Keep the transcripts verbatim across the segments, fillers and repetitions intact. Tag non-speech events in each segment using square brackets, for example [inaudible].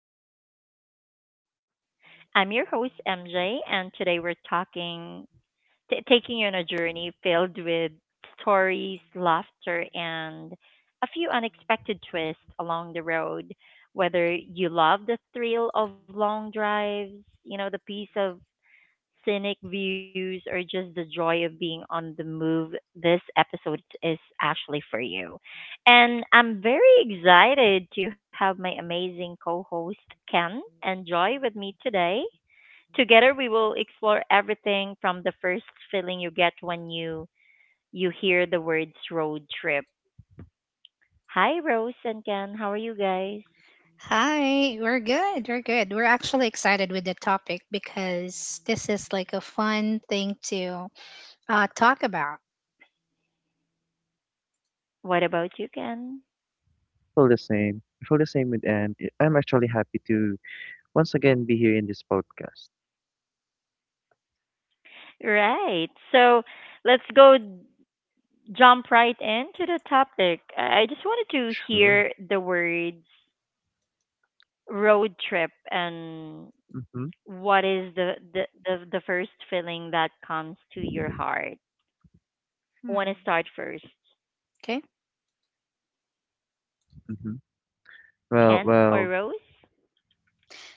episode of Road Trip. I'm your host, M J, and today we're talking, t- taking you on a journey filled with stories, laughter, and a few unexpected twists along the road. Whether you love the thrill of long drives, you know, the peace of scenic views, or just the joy of being on the move, this episode is actually for you. And I'm very excited to have my amazing co host Ken and Joy with me today. Together, we will explore everything from the first feeling you get when you you hear the words road trip. Hi, Rose and Ken. How are you guys? Hi, we're good. We're good. We're actually excited with the topic because this is like a fun thing to uh, talk about. What about you, Ken? Feel the same. I feel the same with Anne. I- I'm actually happy to once again be here in this podcast. Right. So let's go jump right into the topic. I I just wanted to hear Sure. the words road trip and Mm-hmm. what is the the the, the first feeling that comes to your heart. Hmm. Want to start first, Okay. Mm-hmm. Well, Ken or well, Rose?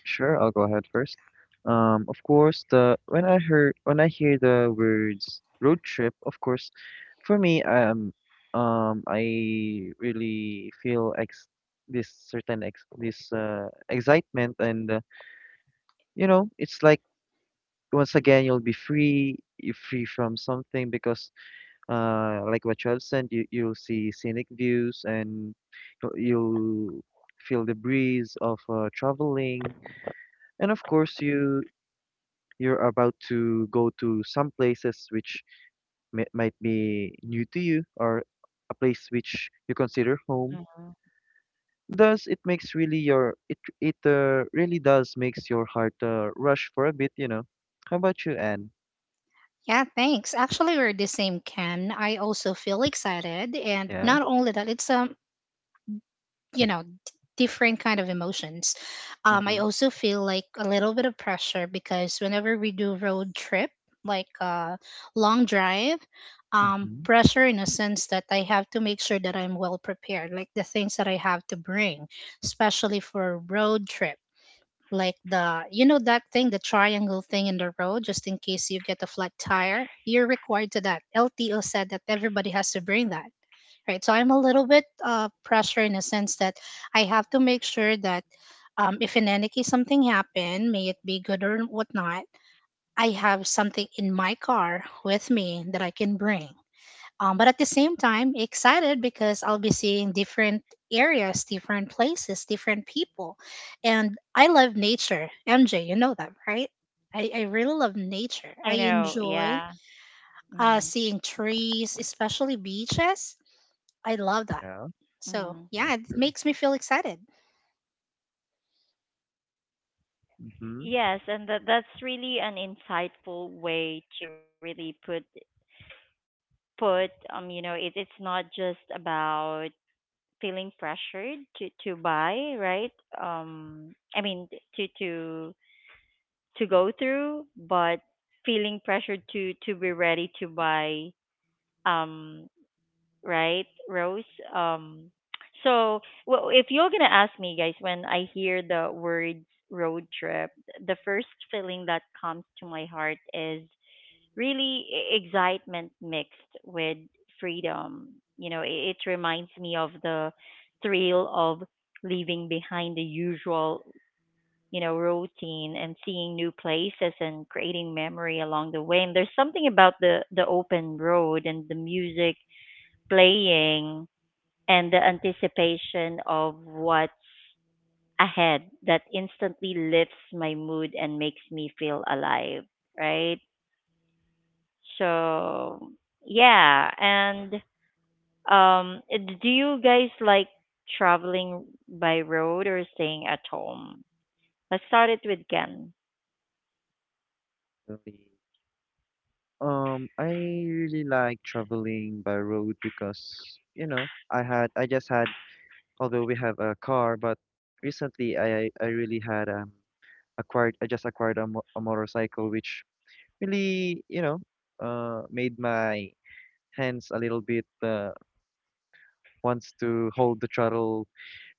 sure. I'll go ahead first. Um, of course, the when I heard when I hear the words road trip, of course, for me, um, um, I really feel ex this certain ex this uh excitement, and uh, you know, it's like once again you'll be free, you're free from something because uh, like what you have said, you you'll see scenic views and you'll you'll feel the breeze of uh, traveling, and of course you you're about to go to some places which may, might be new to you or a place which you consider home. Hmm Thus, it makes really your it it uh, really does makes your heart uh, rush for a bit, you know. How about you, Anne? Yeah, thanks. Actually, we're the same, Ken. I also feel excited, and Yeah. not only that, it's um you know different kind of emotions. um I Mm-hmm. also feel like a little bit of pressure because whenever we do road trip, like uh long drive, um Hmm. pressure in a sense that I have to make sure that I'm well prepared, like the things that I have to bring especially for a road trip, like the you know that thing, the triangle thing in the road, just in case you get a flat tire. You're required to that. L T O said that everybody has to bring that, right? So I'm a little bit uh, pressure in a sense that I have to make sure that, um, if in any case something happened, may it be good or whatnot, I have something in my car with me that I can bring. Um, but at the same time, excited because I'll be seeing different areas, different places, different people. And I love nature. M J, you know that, right? I, I really love nature. I I enjoy know. Yeah. uh, seeing hmm trees, especially beaches. I love that. Yeah. So Yeah. yeah, it hmm Sure. makes me feel excited. Mm-hmm. Yes, and that that's really an insightful way to really put put um you know it it's not just about feeling pressured to to buy, right? Um, I mean to to to go through, but feeling pressured to to be ready to buy, um, right, Rose? Um, so well, if you're gonna ask me, guys, when I hear the words road trip, the first feeling that comes to my heart is really e- excitement mixed with freedom. You know, it, it reminds me of the thrill of leaving behind the usual, you know, routine and seeing new places and creating memory along the way. And there's something about the the open road and the music playing and the anticipation of what's ahead that instantly lifts my mood and makes me feel alive, right? So yeah, and um, eh, d- do you guys like traveling by road or staying at home? Let's start it with Ken. Really Um, I really like traveling by road because, you know, I had I just had although we have a car, but recently I I really had um acquired I just acquired a, mo a motorcycle which really, you know, uh made my hands a little bit uh wants to hold the throttle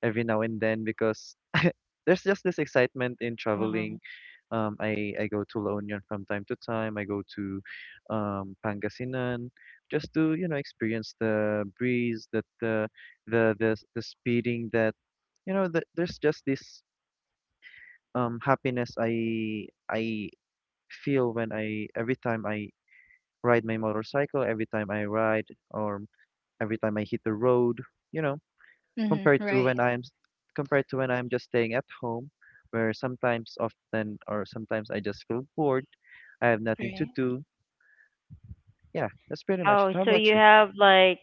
every now and then because [laughs] there's just this excitement in traveling. Hmm Um, I, I go to La Union from time to time. I go to um, Pangasinan just to, you know, experience the breeze, that the the the the speeding that, you know, that there's just this um, happiness I I feel when I every time I ride my motorcycle, every time I ride or every time I hit the road, you know Hmm. compared to Right, when I'm s- compared to when I'm just staying at home, where sometimes often or sometimes I just feel bored. I have nothing to right. do. Yeah, that's pretty much Oh, it. How so about you you? have like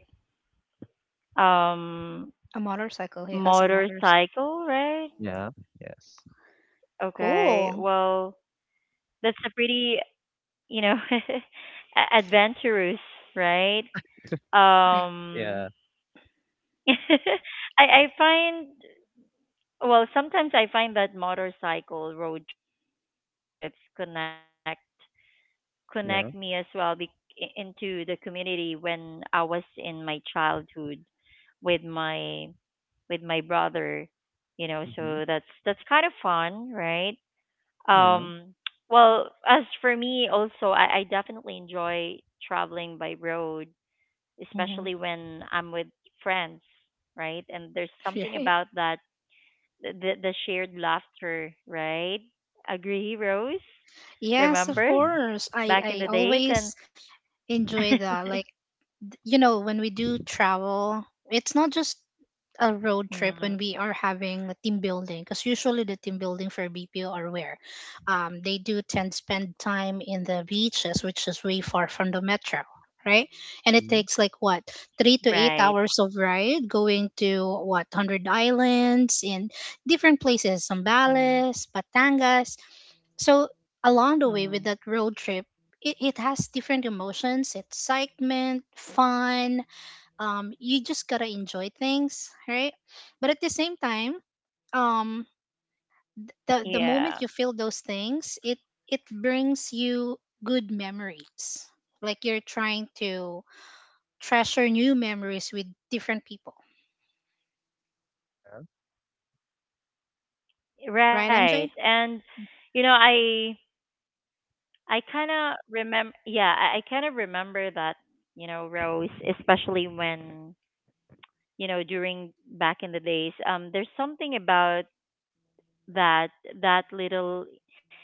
um A motorcycle. He has a motorcycle. motorcycle, right? Yeah. Yes. Okay. Well, Cool. that's a pretty, you know, [laughs] a- adventurous, right? Right. Um, Yeah. [laughs] I I find Well, sometimes I find that motorcycle road trips connect connect me as well be- Yeah. into the community when I was in my childhood with my with my brother, you know, so that's that's kind Mm-hmm. of fun, right? Um Yeah. well, as for me also, I, I definitely enjoy traveling by road, especially Hmm. when I'm with friends, right? And there's something [laughs] about Right. that the the shared laughter, right? Agree, Rose? Yes, of Remember Mm-hmm. course. back in I the I days and always enjoy [laughs] that. Like, you know, when we do travel, it's not just a road trip Mhm. when we are having a team building, because usually the team building for B P O are where um, they do tend to spend time in the beaches, which is way far from the metro, right? And it Mm-hmm. takes like what three to eight Right. hours of ride going to what Hundred Islands in different places, Mm. Zambales, Batangas. So along the way with that Mm. road trip, it, it has different emotions, excitement, fun, um you just gotta enjoy things, right? But at the same time, um the the moment Yeah. you feel those things, it it brings you good memories, like you're trying to treasure new memories with different people, Yeah. right, Right. MJ? And you know, I I kind of remember yeah, I, I kind of remember that, you know, Rose, especially when, you know, during back in the days, um there's something about that that little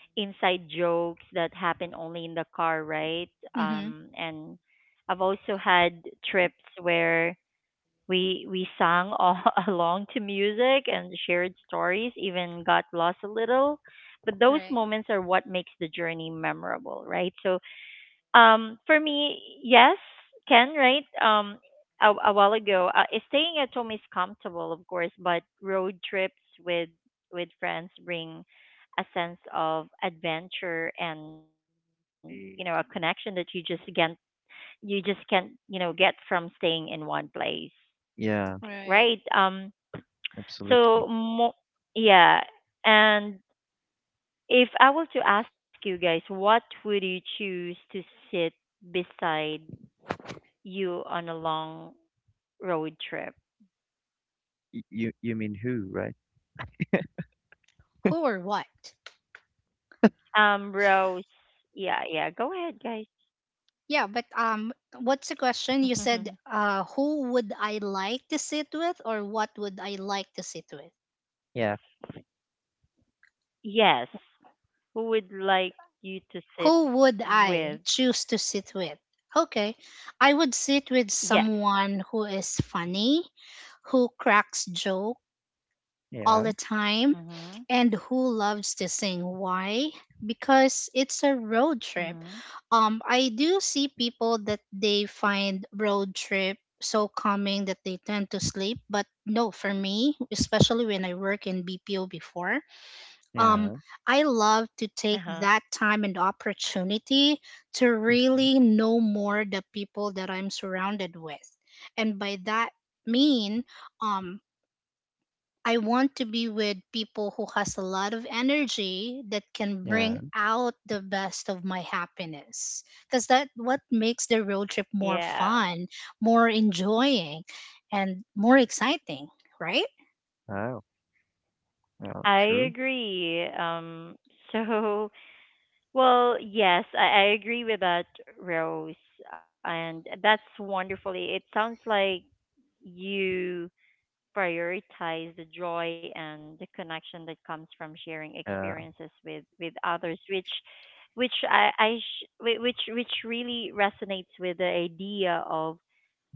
inside jokes that happen only in the car, right? Mm-hmm. Um, and I've also had trips where we we sang all [laughs] along to music and shared stories, even got lost a little. But those Right, moments are what makes the journey memorable, right? So um, for me, yes, can right. Um, a, a while ago, uh, eh, staying at home is comfortable, of course, but road trips with with friends bring a sense of adventure and you know a Indeed. connection that you just can't you just can't you know get from staying in one place, Yeah. right? right. Um, so Absolutely. mo- yeah, and if I were to ask you guys, what would you choose to sit beside you on a long road trip. Y- you you mean who, right? Who or what? Um, Rose, yeah, yeah, go ahead, Yeah, but um what's the question? guys. You said uh who would I like to sit with or what would I like to sit with? Yeah. [laughs] Yes. Who would like you to sit Who would I with? choose to sit with? Okay, I would sit with Yes. someone who is funny, who cracks joke all Yeah. the time, Mhm. and who loves to sing. Why? Because it's a road trip. Mhm. Um, I do see people that they find road trip so calming that they tend to sleep, but no, for me, especially when I work in B P O before, um Yeah. I love to take Uh-huh. that time and opportunity to Mm-hmm. really know more the people that I'm surrounded with. And by that mean, um I want to be with people who has a lot of energy that can bring Yeah. out the best of my happiness, because that what makes the road trip more Yeah. fun, more enjoying, and more exciting, right? Wow. Well, I true. agree. Um so [laughs] Well, yes, I, I agree with that, Rose. And that's wonderfully. It sounds like you prioritize the joy and the connection that comes from sharing Yeah. experiences with with others which which I I sh- whi- which which really resonates with the idea of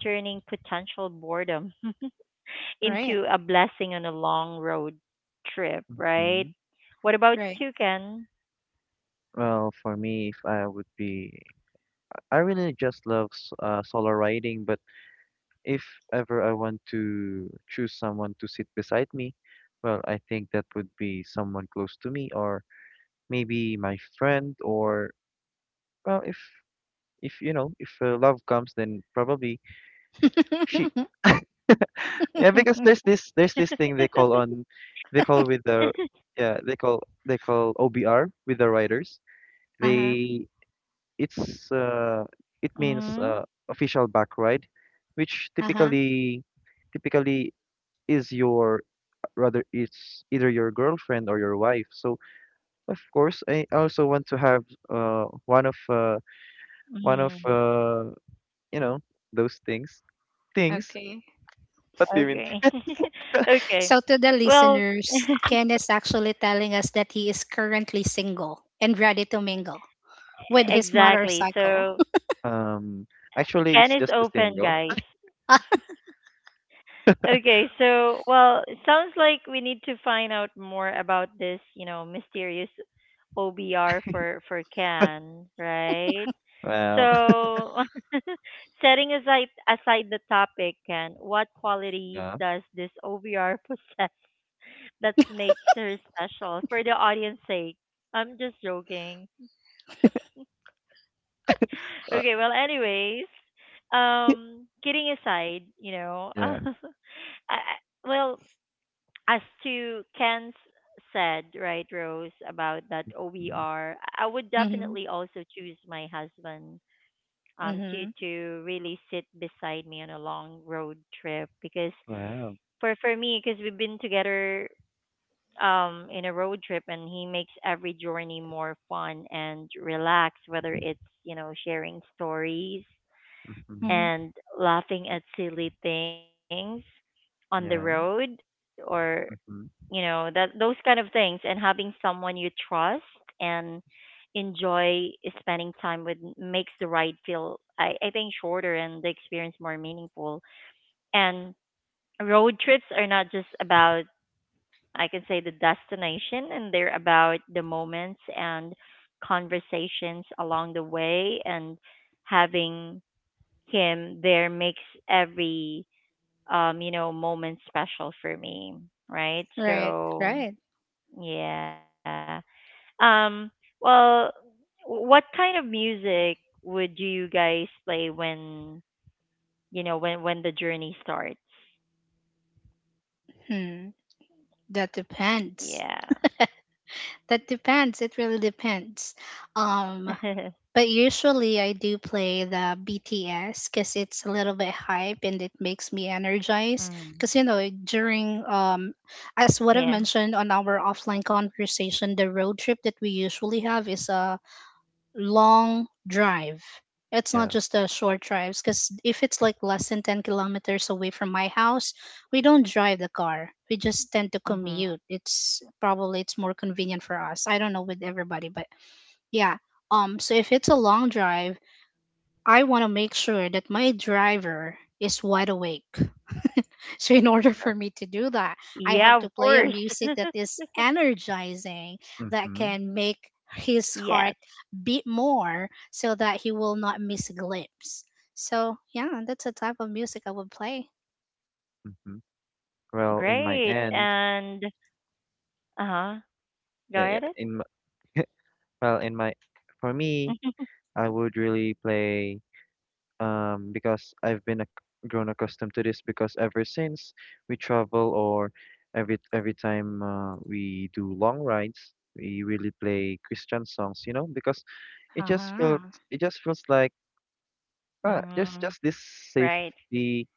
turning potential boredom [laughs] Right. into a blessing on a long road trip, right? Mm-hmm. What about Right. you, Ken? Well, for me, if I would be I really just love s- uh, solo riding, but if ever I want to choose someone to sit beside me, well, I think that would be someone close to me or maybe my friend or well, if if you know, if uh, love comes, then probably she. [laughs] Yeah, because [laughs] there's this there's this thing they call on, they call with the yeah they call they call O B R with the riders. Uh-huh. They it's uh, hmm it means uh, official back ride, which Uh-huh. typically typically is your rather it's either your girlfriend or your wife. So of course, I also want to have uh, one of uh, one hmm of uh, you know those things things. Okay. What do you okay. mean? [laughs] okay So, to the well, listeners, Ken is actually telling us that he is currently single and ready to mingle [laughs] with his exactly motorcycle. so Um, actually, Can it's is just a open, single. guys. Okay, so well, it sounds like we need to find out more about this, you know, mysterious O B R for for Can, right? Well, [laughs] So, [laughs] setting aside aside the topic, Can, what qualities yeah, does this O B R possess [laughs] that makes her special for the audience sake? I'm just joking. uh, Okay, well, anyways, um, kidding aside, you know, [laughs] I, yeah. I- well, as to Ken's said, right, Rose, about that Mm. O B R, I would [laughs] Hmm. definitely also choose my husband um to Hmm. to really sit beside me on a long road trip because Wow. for for me because we've been together um in a road trip and he makes every journey more fun and relaxed whether it's you know sharing stories Hmm. Hmm. and laughing at silly things on the road Yeah. or you know Hmm. that those kind of things and having someone you trust and enjoy spending time with makes the ride feel I, I think shorter and the experience more meaningful and road trips are not just about I can say the destination and they're about the moments and conversations along the way and having him there makes every um, you know, moment special for me, right? Right, So, right. yeah. Um, well, what kind of music would you guys play when, you know, when when the journey starts? Hmm. That Yeah. depends. That depends. It really depends. Um, [laughs] But usually I do play the B T S because it's a little bit hype and it makes me energized. Mm. Because you know during, um, as what I've Yeah. mentioned on our offline conversation, the road trip that we usually have is a long drive. It's not Yeah. just a short drives, because if it's like less than ten kilometers away from my house, we don't drive the car. We just tend to commute. hmm It's probably it's more convenient for us. I don't know with everybody, but yeah. Um, so if it's a long drive, I want to make sure that my driver is wide awake. [laughs] So in order Yeah. for me to do that, I Yeah, have of to play a course. music [laughs] that is energizing that Hmm. can make his Yes. heart beat more so that he will not miss a glimpse. So yeah, that's the type of music I would play. Hmm. Well, in my Great. end. And uh-huh. Go Yeah, ahead. yeah. In my, [laughs] well, in my, for me, [laughs] I would really play um because I've been ac grown accustomed to this because ever since we travel or every every time uh, we do long rides, we really play Christian songs, you know, because it just Uh-huh. feels it just feels like ah, Mm, just just this right. safety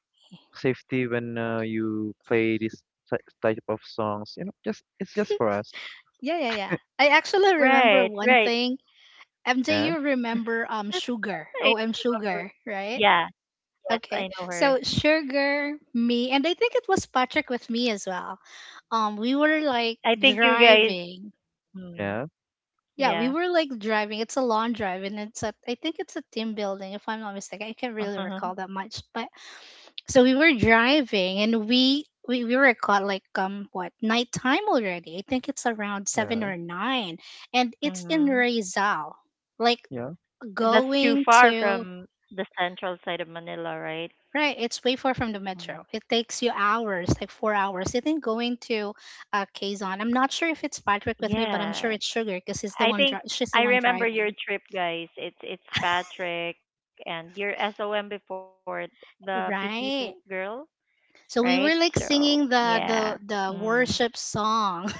safety when uh, you play this ty- type of songs, you know, just it's just for us. Yeah, yeah, yeah. I actually remember Right, one right. thing. M J, Yeah, you remember um [laughs] Sugar, I O M remember. Sugar, right? Yeah. Yes, Okay. I know her. So Sugar, me, and I think it was Patrick with me as well. Um, we were like I think you guys. driving. Mm, yeah, Yeah, we yeah. [laughs] were like driving. It's a long drive, and it's a. I think it's a team building, if I'm not mistaken. I can't really Uh-huh. recall that much, but so we were driving, and we we we were caught like um what nighttime already. I think it's around seven yeah, or nine, and it's in hmm Rizal, like yeah, That's too going far to. from the central side of Manila, right? Right, it's way far from the Mm. metro. It takes you hours, like four hours. I think going to uh, Quezon. I'm not sure if it's Patrick with me, but I'm sure Yeah. it's Sugar because he's the I one. Dri- think She's the I one remember driving. your trip, guys. It's it's Patrick and your S O M before the petite Right. girl, right? So we were So like singing yeah. the the the Mm. worship song.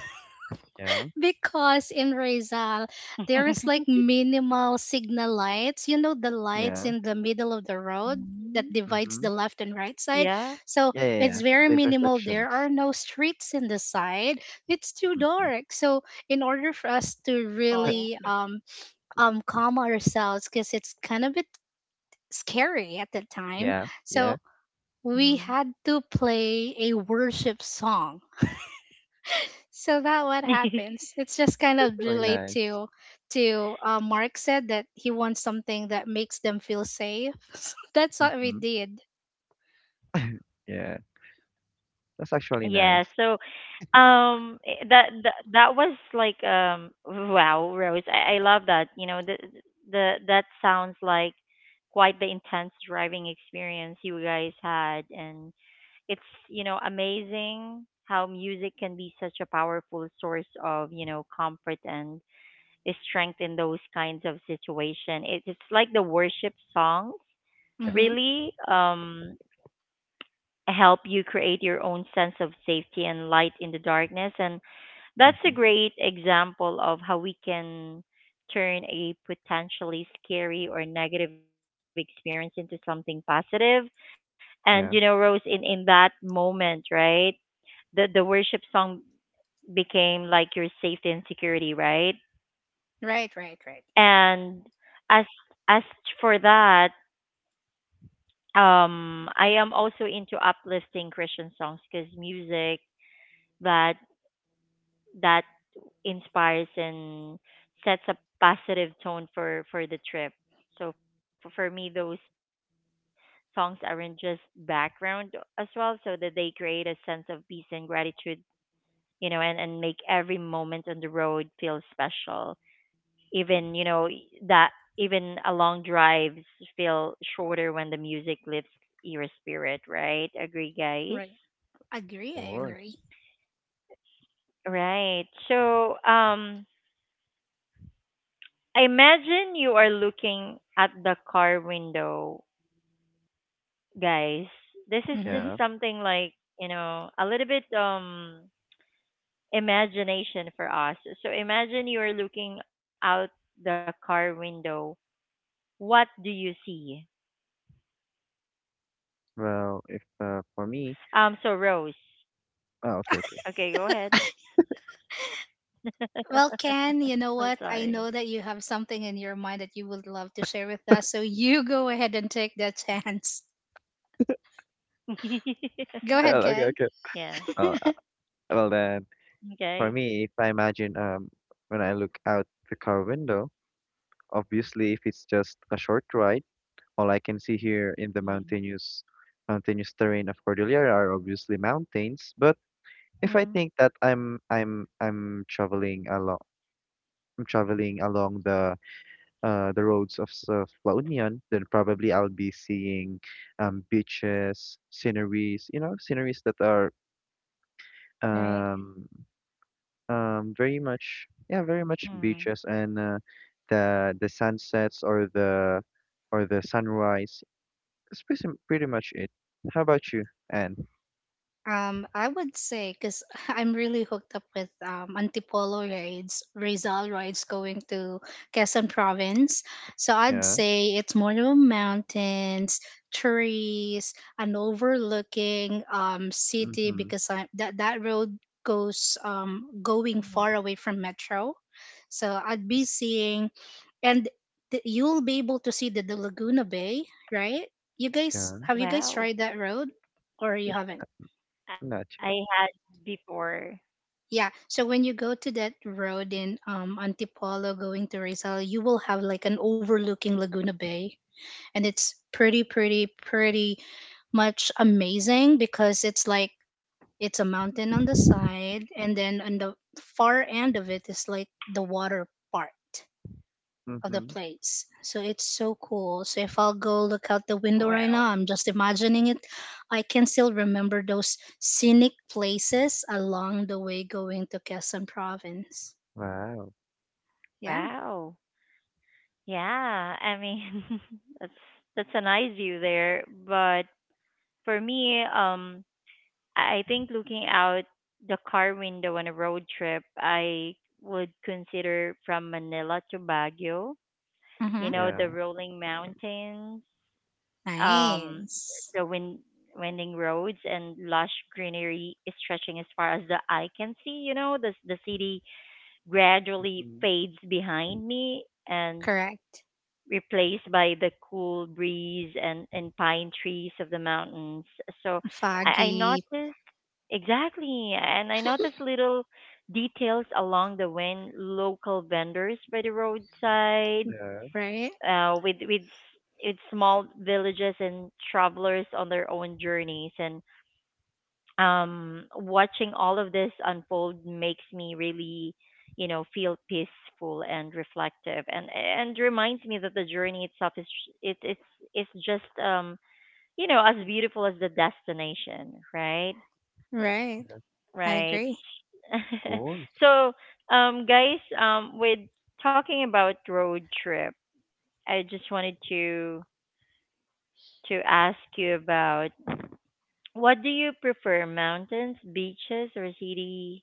yeah, Because in Rizal, [laughs] there is like minimal signal lights. You know the lights yeah. in the middle of the road Mhm. that divides the Mhm. left and right Yeah. side. So Yeah, yeah, yeah. it's very The minimal. There intersections. are no streets in the side. It's too Mhm. dark. So in order for us to Oh. really [laughs] um um calm ourselves, because it's kind of a bit scary at the time. Yeah, yeah. So we Mhm. had to play a worship song, so that what [laughs] happens? It's just kind of Really relate nice. to to uh, Mark said that he wants something that makes them feel safe. [laughs] So that's what we Mhm. did. Yeah, that's Yeah, actually so nice. um i- that that that was like um wow, Rose. I, I love that. You know, the the that sounds like quite the intense driving experience you guys had and it's, you know, amazing how music can be such a powerful source of, you know, comfort and strength in those kinds of situation. It, it's like the worship songs Yeah. Hmm. really. Um help you create your own sense of safety and light in the darkness. And that's a Mhm. great example of how we can turn a potentially scary or negative experience into something positive. And you know, Yeah. Rose, in in that moment, right, the the worship song became like your safety and security, right? Right, right, right, And as as for that, um, I am also into uplifting Christian songs because music that that inspires and sets a positive tone for for the trip. So for, for me, those songs aren't just background as well, so that they create a sense of peace and gratitude, you know, and and make every moment on the road feel special. Even you know e, that even a long drives feel shorter when the music lifts your spirit, right? Agree, guys. right. Agree, Of I agree. course. Right. So, um, imagine you are looking at the car window, guys. This is just Hmm. Yeah. something like, you know, a little bit um imagination for us. So imagine you are looking out the car window. What do you see? Well, if uh, for me, Um so Rose. oh, okay, okay. Okay, go ahead. Well, [laughs] Ken, you know what? I'm I know sorry. that you have something in your mind that you would love to share with us. So you go ahead and take that chance. [laughs] Go [laughs] ahead, [laughs] Well, okay, Ken. okay. Yeah. Well, uh, well then, for me, Okay. if I imagine um when I look out the car window, obviously if it's just a short ride, all I can see here in the Mm-hmm. mountainous mountainous terrain of Cordillera are obviously mountains, but if I Mm, think that I'm I'm I'm traveling along I'm traveling along the uh the roads of s- of La Union, then probably I'll be seeing um beaches, sceneries, you know, sceneries that are right. um um very much yeah, very much Mm-hmm. beaches and uh, the the sunsets or the or the sunrise. That's pretty pretty much it. How about you, Anne? Um, I would say, because [laughs] I'm really hooked up with um, Antipolo raids, Rizal raids going to Quezon province. So I'd Yeah. say it's more of mountains, trees, and overlooking um, city, Mm-hmm. because I, that that road goes um, going far away Mm-hmm. from metro. So I'd be seeing, and th- you'll be able to see the, the Laguna Bay, right? You guys, Yeah. have you guys tried that road, Wow. or you haven't? Not yet. I had before. Yeah. So when you go to that road in um, Antipolo going to Rizal, you will have like an overlooking Laguna Bay. And it's pretty, pretty, pretty much amazing, because it's like it's a mountain on the side. And then on the far end of it is like the water part of the Mm-hmm. place. So it's so cool. So if I'll go look out the window right now, Wow. I'm just imagining it. I can still remember those scenic places along the way going to Quezon province. Wow. Yeah. Wow. Yeah. I mean, [laughs] that's that's a nice view there. But for me, um, I I think looking out the car window on a road trip, I would consider from Manila to Baguio. You Mm-hmm. know, Yeah. the rolling mountains, um, Nice. the wind winding roads and lush greenery is stretching as far as the eye can see. You know, the the city gradually Mm-hmm. fades behind me and Correct. replaced by the cool breeze and, and pine trees of the mountains. So I, I Foggy, noticed exactly, and I noticed little details along the wind, local vendors by the roadside, Yeah, right? uh, with with s- with small villages and travelers on their own journeys, and um watching all of this unfold makes me really you know feel peaceful and reflective and and reminds me that the journey itself is it, it's it's just um you know as beautiful as the destination, right? Right. yeah, of I Right. agree. [laughs] course. So um guys um with talking about road trip I just wanted to to ask you about what do you prefer mountains beaches or city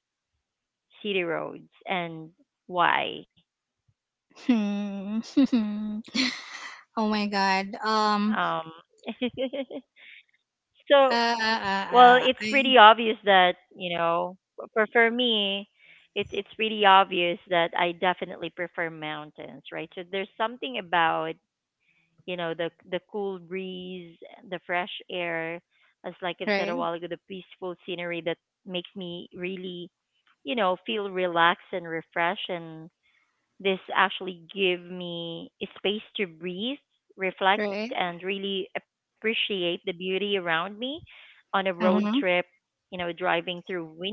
city roads and why? Hmm. [laughs] Oh my God. Um. Um, [laughs] Uh, uh, so, uh, uh, well, it's I, pretty obvious that you know, f- for for me, it's it's pretty obvious that I definitely prefer mountains, right? So there's something about you know the the cool breeze, the fresh air, as like I've said right. a while ago, the peaceful scenery that makes me really, you know, feel relaxed and refreshed and this actually give me a space to breathe, reflect, Right. and really appreciate the beauty around me. On a road trip, Mm-hmm. you know, driving through wind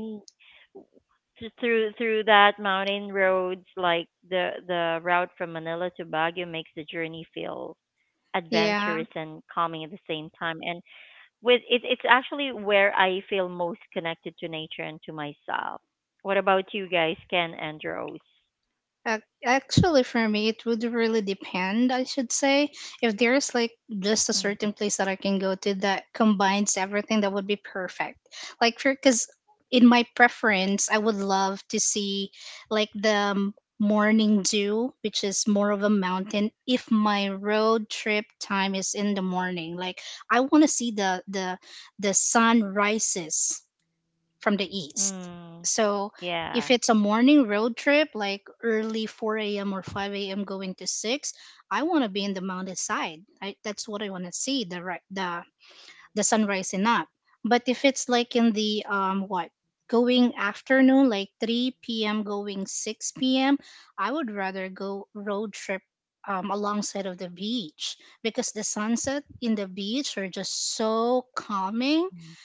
through through that mountain roads, like the the route from Manila to Baguio makes the journey feel Yeah. adventurous and calming at the same time. And with it, it's actually where I feel most connected to nature and to myself. What about you guys, Ken and Rose? Ac- Actually, for me, it would really depend, I should say. If there is like just a certain place that I can go to that combines everything, that would be perfect. Like, for because in my preference, I would love to see, like, the m- morning dew, which is more of a mountain, if my road trip time is in the morning. Like, I want to see the the the sun rises from the east. Mm, So if yeah. it's a morning road trip, like early four a m or five a m going to six, I want to be in the mountain side. I, that's what I want to see, the ri- the the sun rising up. But if it's like in the um what going afternoon, like three p m going six p m, I would rather go road trip um, alongside of the beach, because the sunset in the beach are just so calming. Mm.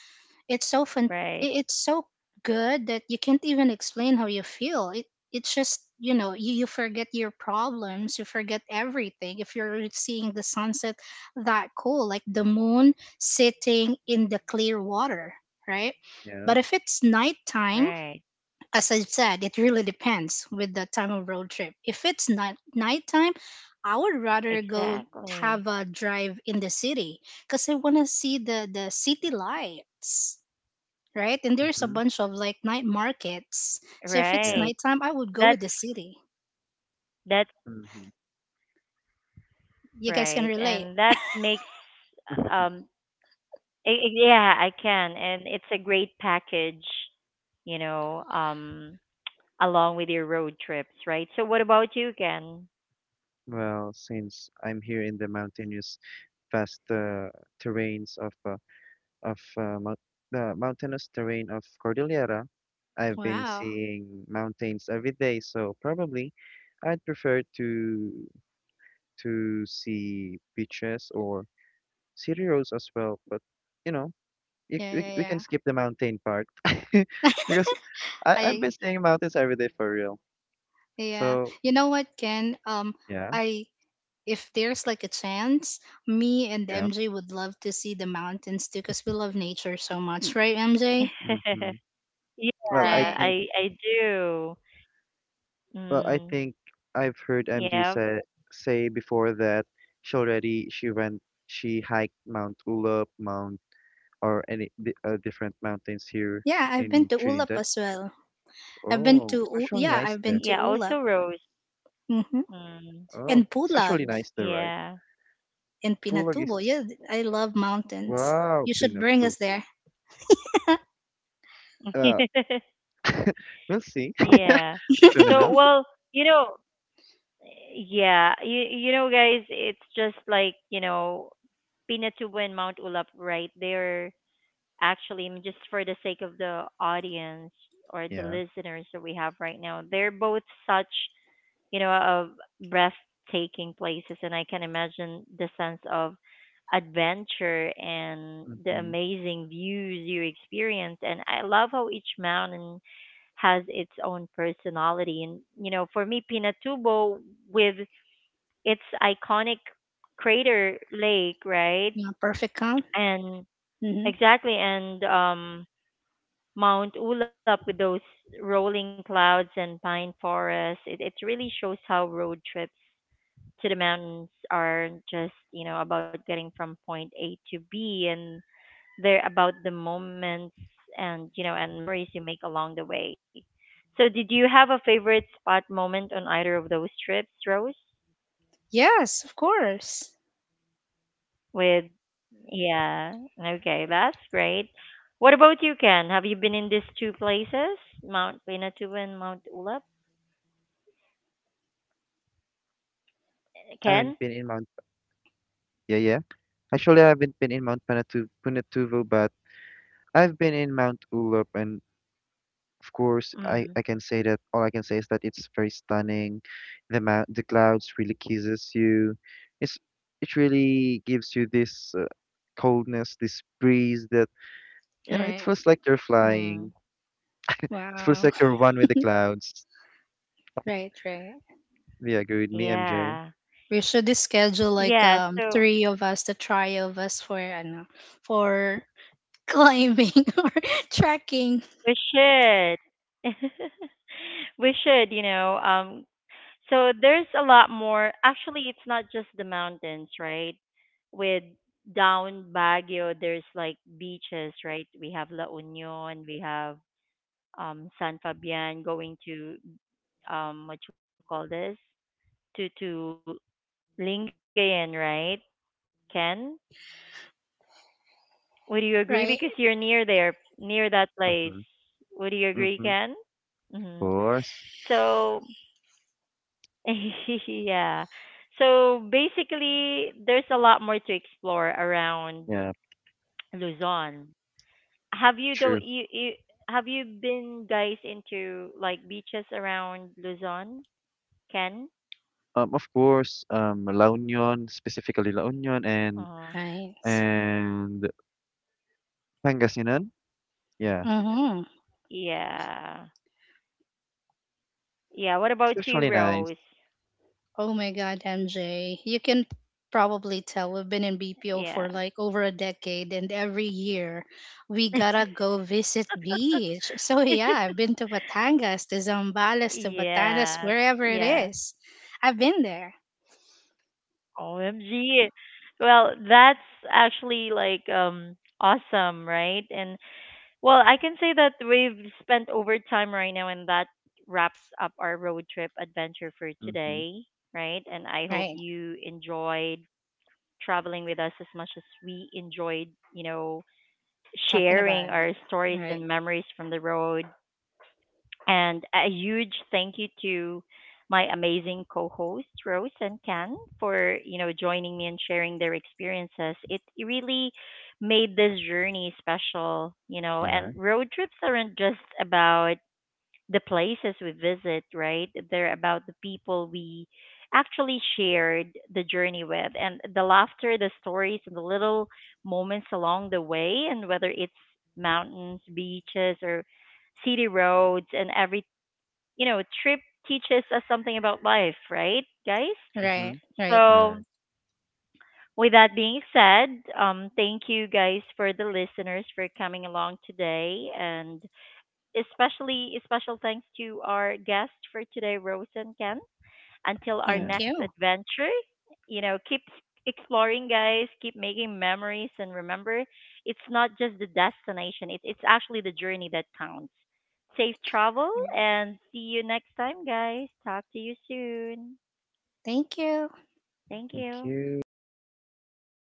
It's so fun. i- Right. It's so good that you can't even explain how you feel it. It's just, you know you, you forget your problems. You forget everything if you're seeing the sunset, that cool, like the moon sitting in the clear water, right? Yeah. But if it's nighttime, Right. as I said, it really depends with the time of road trip. If it's night nighttime, I would rather go Exactly. have a drive in the city, because I want to see the the city lights, right? And there's a Mm-hmm. bunch of like night markets. So if it's Yeah. Right. nighttime, I would go That's with the city. that's Mm-hmm. You guys can right. relate. And that makes um [laughs] I, I- yeah, I can. And it's a great package, you know, um along with your road trips, right? So what about you, Ken? Well, since I'm here in the mountainous, vast uh, terrains of uh, of uh, mou- the mountainous terrain of Cordillera, I've been Wow. seeing mountains every day. So probably, I'd prefer to to see beaches or city roads as well. But you know, you, Yeah, we yeah, we can yeah. skip the mountain part [laughs] because [laughs] I I've I been seeing mountains every day for real. Yeah. So You know what, Ken? Um, yeah, I If there's like a chance, me and yeah. M J would love to see the mountains too, cause we love nature so much, right, M J? [laughs] Hmm. Yeah, Well, I Right. think I I do. well, I Mm, think I've heard M J yeah. say say before that she already she went she hiked Mount Ulup, Mount or any di uh, different mountains here Yeah, I've been in to Ulap Trinidad. as well. I've been Oh, to it's U- actually Yeah, nice I've there. been to Yeah, Ulap. also Rose. Mm-hmm. Mm, Oh, And it's Pulag. actually nice there, right? In Pulag Pinatubo. Yeah, is I love mountains. wow, You should bring us Pinatubo. there. Uh, yeah. [laughs] we'll see Yeah. [laughs] [laughs] soon So, enough. well, you know, yeah, you you know, guys, it's just like you know, Pinatubo and Mount Ulap, right? They're actually I mean, Just for the sake of the audience or the Yeah. listeners that we have right now. They're both such you know, of breathtaking places. And I can imagine the sense of adventure and the Hmm. amazing views you experience. And I love how each mountain has its own personality. And, you know, for me, Pinatubo, with its iconic crater lake, right? Yeah, perfect count. And Hmm. exactly, and um, Mount Ulap with those rolling clouds and pine forests, it, it really shows how road trips to the mountains are just, you know, about getting from point A to B, and they're about the moments and, you know, and memories you make along the way. So did you have a favorite spot moment on either of those trips, Rose? Yes, of course. With yeah, okay, that's great. What about you, Ken? Have you been in these two places, Mount Pinatubo and Mount Ulap? I haven't Ken? been in Mount. Yeah, yeah. Actually, I haven't been in Mount Panatu Punatuvo, but I've been in Mount Ulup, and of course, I, Mm. I can say that all I can say is that it's very stunning. The mount, the clouds really kisses you. It's it really gives you this uh, coldness, this breeze that you know. It Right. feels like you're Mm. flying. It feels Wow. like you're one with the clouds. Right, right. Do you agree with me, M J? Yeah. We should just schedule like Yeah, um so three of us, the trio of us, for I know, for [laughs] climbing [laughs] or trekking. we should. [laughs] We should, you know. Um, so there's a lot more. Actually, it's not just the mountains, right? With down Baguio, there's like beaches, right? We have La Union, we have um, San Fabian going to um, what you call this? To to Lingayen, right? Ken, would you agree? Because Right. you're near there, near that place. Mm-hmm. Would you agree, Mm-hmm. Ken? Of Mm-hmm. course. So [laughs] yeah. So basically, there's a lot more to explore around Yeah, Luzon. Have you though true. you, you Have you been guys into like beaches around Luzon? Ken? Um, of course, um, La Union, specifically La Union and Uh, Nice. and Pangasinan. Yeah, Mm-hmm. yeah. Yeah. What it's about you, actually nice. Rose? Oh my God, M J. You can probably tell we've been in Yeah. B P O for like over a decade, and every year we gotta go [laughs] visit beach. [laughs] So, yeah, I've been to Batangas, to Zambales, to Yeah. Batanes, Yeah. wherever it is. I've been there. O M G. Well, that's actually like um awesome, right? And well, I can say that we've spent over time right now, and that wraps up our road trip adventure for Mm-hmm. today, right? And I hope Right. you enjoyed traveling with us as much as we enjoyed, you know, Talking about sharing it. our stories Right. and memories from the road. And a huge thank you to my amazing co-hosts Rose and Ken for, you know, joining me and sharing their experiences. It really made this journey special, you know, and Yeah. road trips aren't just about the places we visit, right? They're about the people we actually shared the journey with and the laughter, the stories, and the little moments along the way, and whether it's mountains, beaches, or city roads, and every, you know, trip teaches us something about life, right, guys? Right. Mm-hmm. Right. So, Right. with that being said, um, thank you guys for the listeners for coming along today and especially a special thanks to our guest for today, Rose and Ken. Until our Yeah. Thank next you. adventure, you know, keep exploring, guys. Keep making memories, and remember, it's not just the destination; it's it's actually the journey that counts. Safe travel, Right. and see you next time, guys. Talk to you soon. Thank you. Thank Thank you. you. Goodbye.